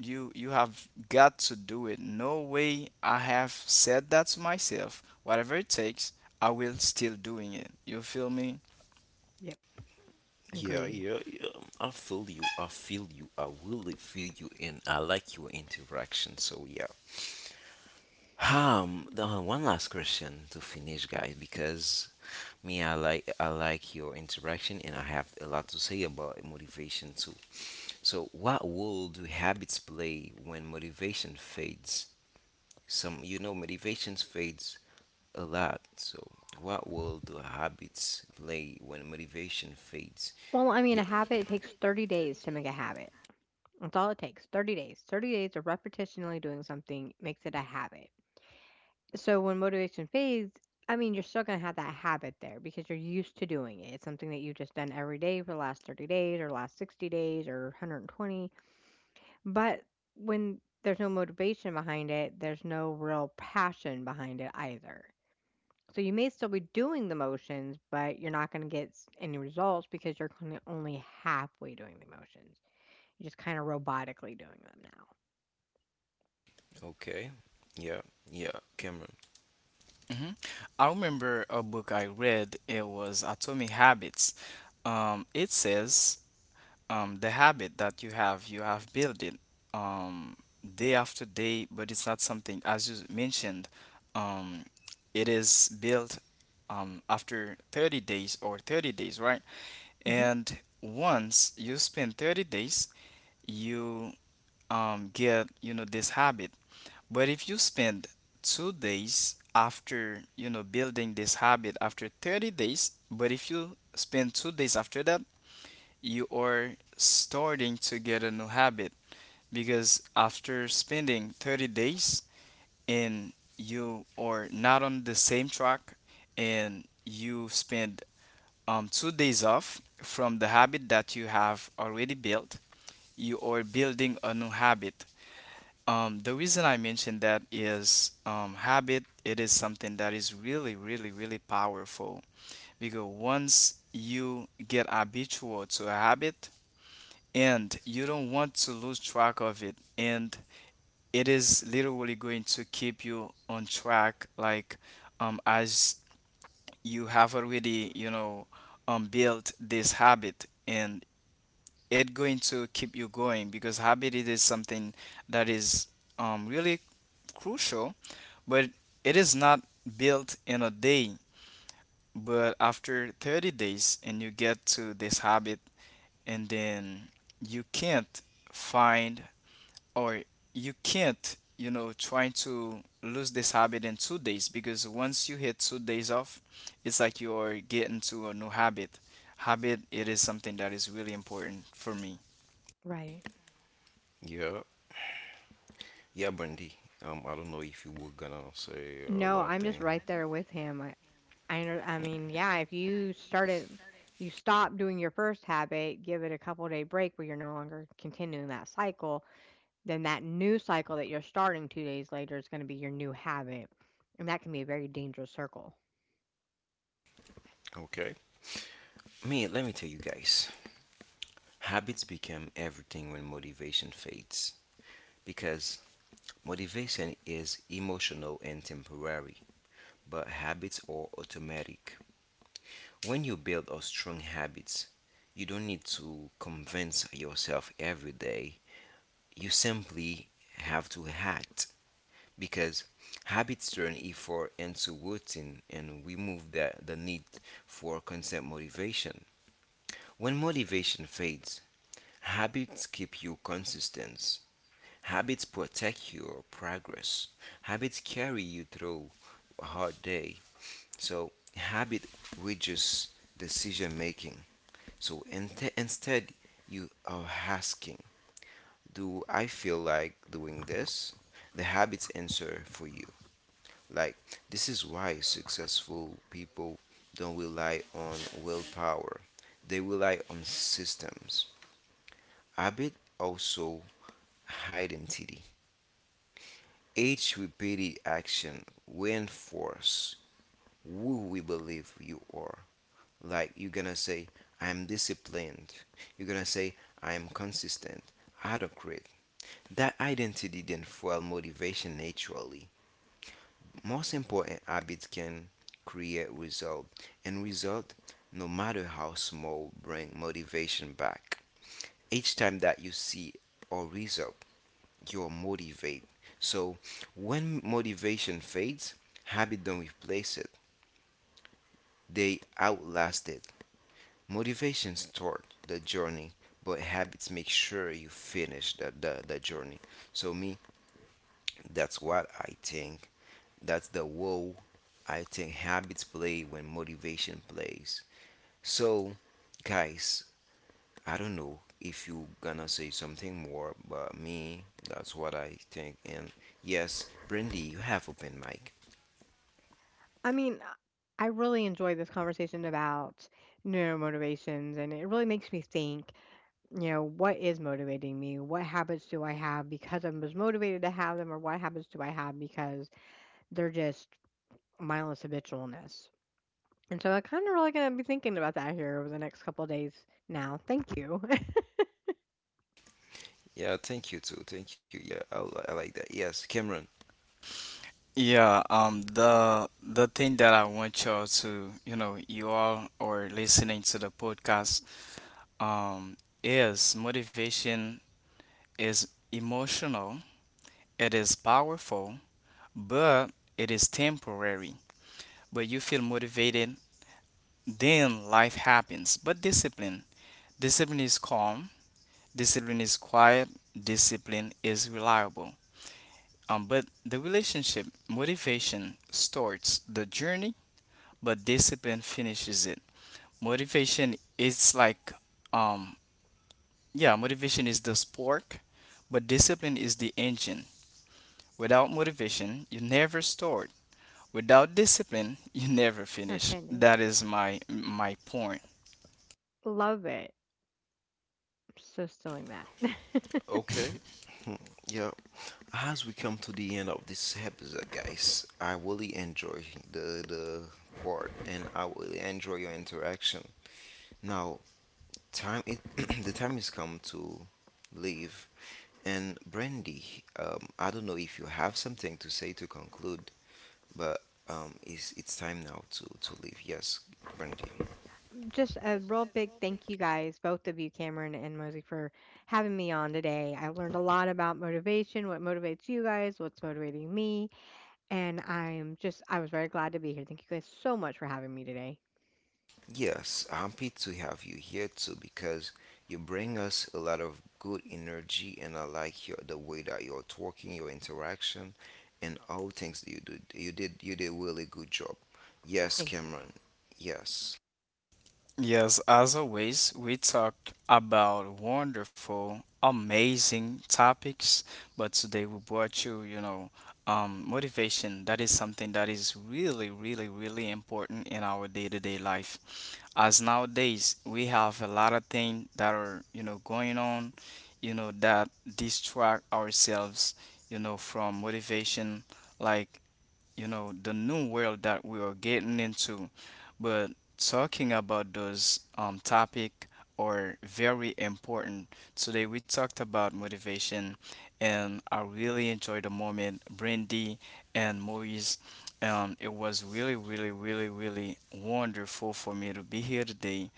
C: you you have got to do it. No way. I have said that to myself, whatever it takes, I will still doing it. You feel me?
B: Yep,
A: Yeah,
B: agreed.
A: yeah, yeah. I feel you. I feel you. I really feel you, and I like your interaction. So yeah. Um, the- uh, one last question to finish, guys, because me, I like I like your interaction, and I have a lot to say about motivation too. So, what role do habits play when motivation fades? Some, you know, motivation fades a lot. So, what role do habits play when motivation fades?
B: Well, I mean,
A: Yeah.
B: a habit, it takes thirty days to make a habit. That's all it takes. thirty days. thirty days of repetitionally doing something makes it a habit. So when motivation fades, I mean, you're still going to have that habit there because you're used to doing it. It's something that you've just done every day for the last thirty days or last sixty days or one hundred twenty. But when there's no motivation behind it, there's no real passion behind it either. So you may still be doing the motions, but you're not going to get s- any results because you're kinda only halfway doing the motions. You're just kind of robotically doing them now.
A: Okay. Yeah. Yeah. Cameron.
C: hmm I remember a book I read. It was Atomic Habits. Um, it says, um the habit that you have, you have built it um day after day. But it's not something, as you mentioned, um it is built um after thirty days, or thirty days, right?
B: Hmm.
C: And once you spend thirty days, you um get, you know, this habit. But if you spend two days after, you know, building this habit after thirty days, but if you spend two days after that, you are starting to get a new habit. Because after spending thirty days, and you are not on the same track, and you spend um, two days off from the habit that you have already built, you are building a new habit. Um, the reason I mention that is, um, habit, it is something that is really, really, really powerful, because once you get habitual to a habit, and you don't want to lose track of it, and it is literally going to keep you on track. Like, um as you have already, you know, um built this habit, and it going to keep you going. Because habit, it is something that is um really crucial, but it is not built in a day, but after thirty days, and you get to this habit, and then you can't find, or you can't, you know, try to lose this habit in two days, because once you hit two days off, it's like you are getting to a new habit. Habit, it is something that is really important for me.
B: Right.
A: Yeah. Yeah, Brandy. Um, I don't know if you were gonna say a
B: No,
A: lot
B: I'm just
A: thing.
B: right there with him. I I under I mean, yeah, if you started you stop doing your first habit, give it a couple day break where you're no longer continuing that cycle, then that new cycle that you're starting two days later is going to be your new habit. And that can be a very dangerous circle.
A: Okay. Me, let me tell you guys. Habits become everything when motivation fades. Because motivation is emotional and temporary, but habits are automatic. When you build a strong habits, you don't need to convince yourself every day. You simply have to act, because habits turn effort into routine and we move the, the need for constant motivation. When motivation fades, habits keep you consistent. Habits protect your progress. Habits carry you through a hard day. So, habit reduces decision making. So, inte- instead, you are asking, do I feel like doing this? The habits answer for you. Like, this is why successful people don't rely on willpower, they rely on systems. Habit also identity. Each repeated action reinforce who we believe you are. Like you're gonna say, I'm disciplined. You're gonna say, I'm consistent, adequate. That identity then fuel motivation naturally. Most important habits can create result, and result, no matter how small, bring motivation back. Each time that you see a result, you're motivated. So when motivation fades, habit don't replace it. They outlast it. Motivation start the journey, but habits make sure you finish the, the, the journey. So me, that's what I think. That's the role I think habits play when motivation plays. So, guys, I don't know if you gonna say something more, but me, that's what I think. And yes, Brandy, you have open mic.
B: I mean, I really enjoyed this conversation about neuromotivations and it really makes me think, you know, what is motivating me? What habits do I have because I was motivated to have them or what habits do I have because they're just mindless habitualness. And so I kind of really going to be thinking about that here over the next couple of days now. Thank you.
A: Yeah, thank you too. Thank you. Yeah, I, li- I like that. Yes, Cameron.
C: Yeah, um, the the thing that I want y'all to, you know, you all are listening to the podcast, um, is motivation is emotional, it is powerful, but it is temporary. But you feel motivated, then life happens. But discipline. Discipline is calm. Discipline is quiet. Discipline is reliable. Um, but the relationship, motivation starts the journey, but discipline finishes it. Motivation is like, um, yeah, motivation is the spark, but discipline is the engine. Without motivation, you never start. Without discipline, you never
B: Or
C: finish.
B: finish.
C: That is my my point.
B: Love it. So stealing that.
A: Okay. Hmm, yeah. As we come to the end of this episode, guys, I really enjoy the the part, and I really enjoy your interaction. Now, time it, the time has come to leave. And Brandy, um, I don't know if you have something to say to conclude, but um, it's it's time now to to leave. Yes, Brandy.
B: Just a real big thank you guys, both of you, Cameron and Mosey, for having me on today. I learned a lot about motivation, what motivates you guys, what's motivating me. And I'm just, I was very glad to be here. Thank you guys so much for having me today.
A: Yes, I'm happy to have you here too because you bring us a lot of good energy, and I like your the way that you're talking, your interaction, and all things that you do. You did you did really good job. Yes,
B: Thank
A: Cameron. Yes.
C: Yes, as always, we talk about wonderful, amazing topics, but today we brought you, you know, um, motivation. That is something that is really, really, really important in our day-to-day life. As nowadays, we have a lot of things that are, you know, going on, you know, that distract ourselves, you know, from motivation. Like, you know, the new world that we are getting into. But talking about those um topic are very important. Today we talked about motivation, and I really enjoyed the moment, Brandy and Maurice. Um it was really, really, really, really wonderful for me to be here today.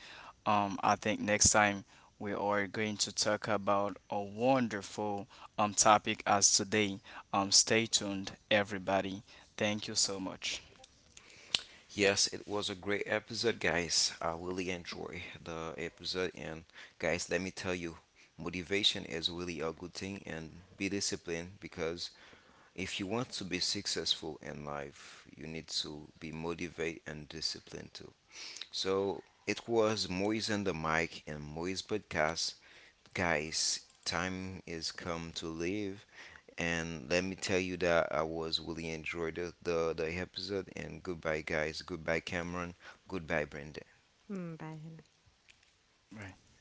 C: um I think next time we are going to talk about a wonderful um topic as today. Um stay tuned, everybody. Thank you so much.
A: Yes, it was a great episode, guys. I really enjoy the episode. And, guys, let me tell you, motivation is really a good thing and be disciplined because if you want to be successful in life, you need to be motivated and disciplined too. So it was Moise on the mic and Moise podcast. Guys, time is come to leave. And let me tell you that I was really enjoyed the, the, the episode. And goodbye, guys. Goodbye, Cameron. Goodbye, Brandon.
B: you. Mm, bye, Henry.
C: Right.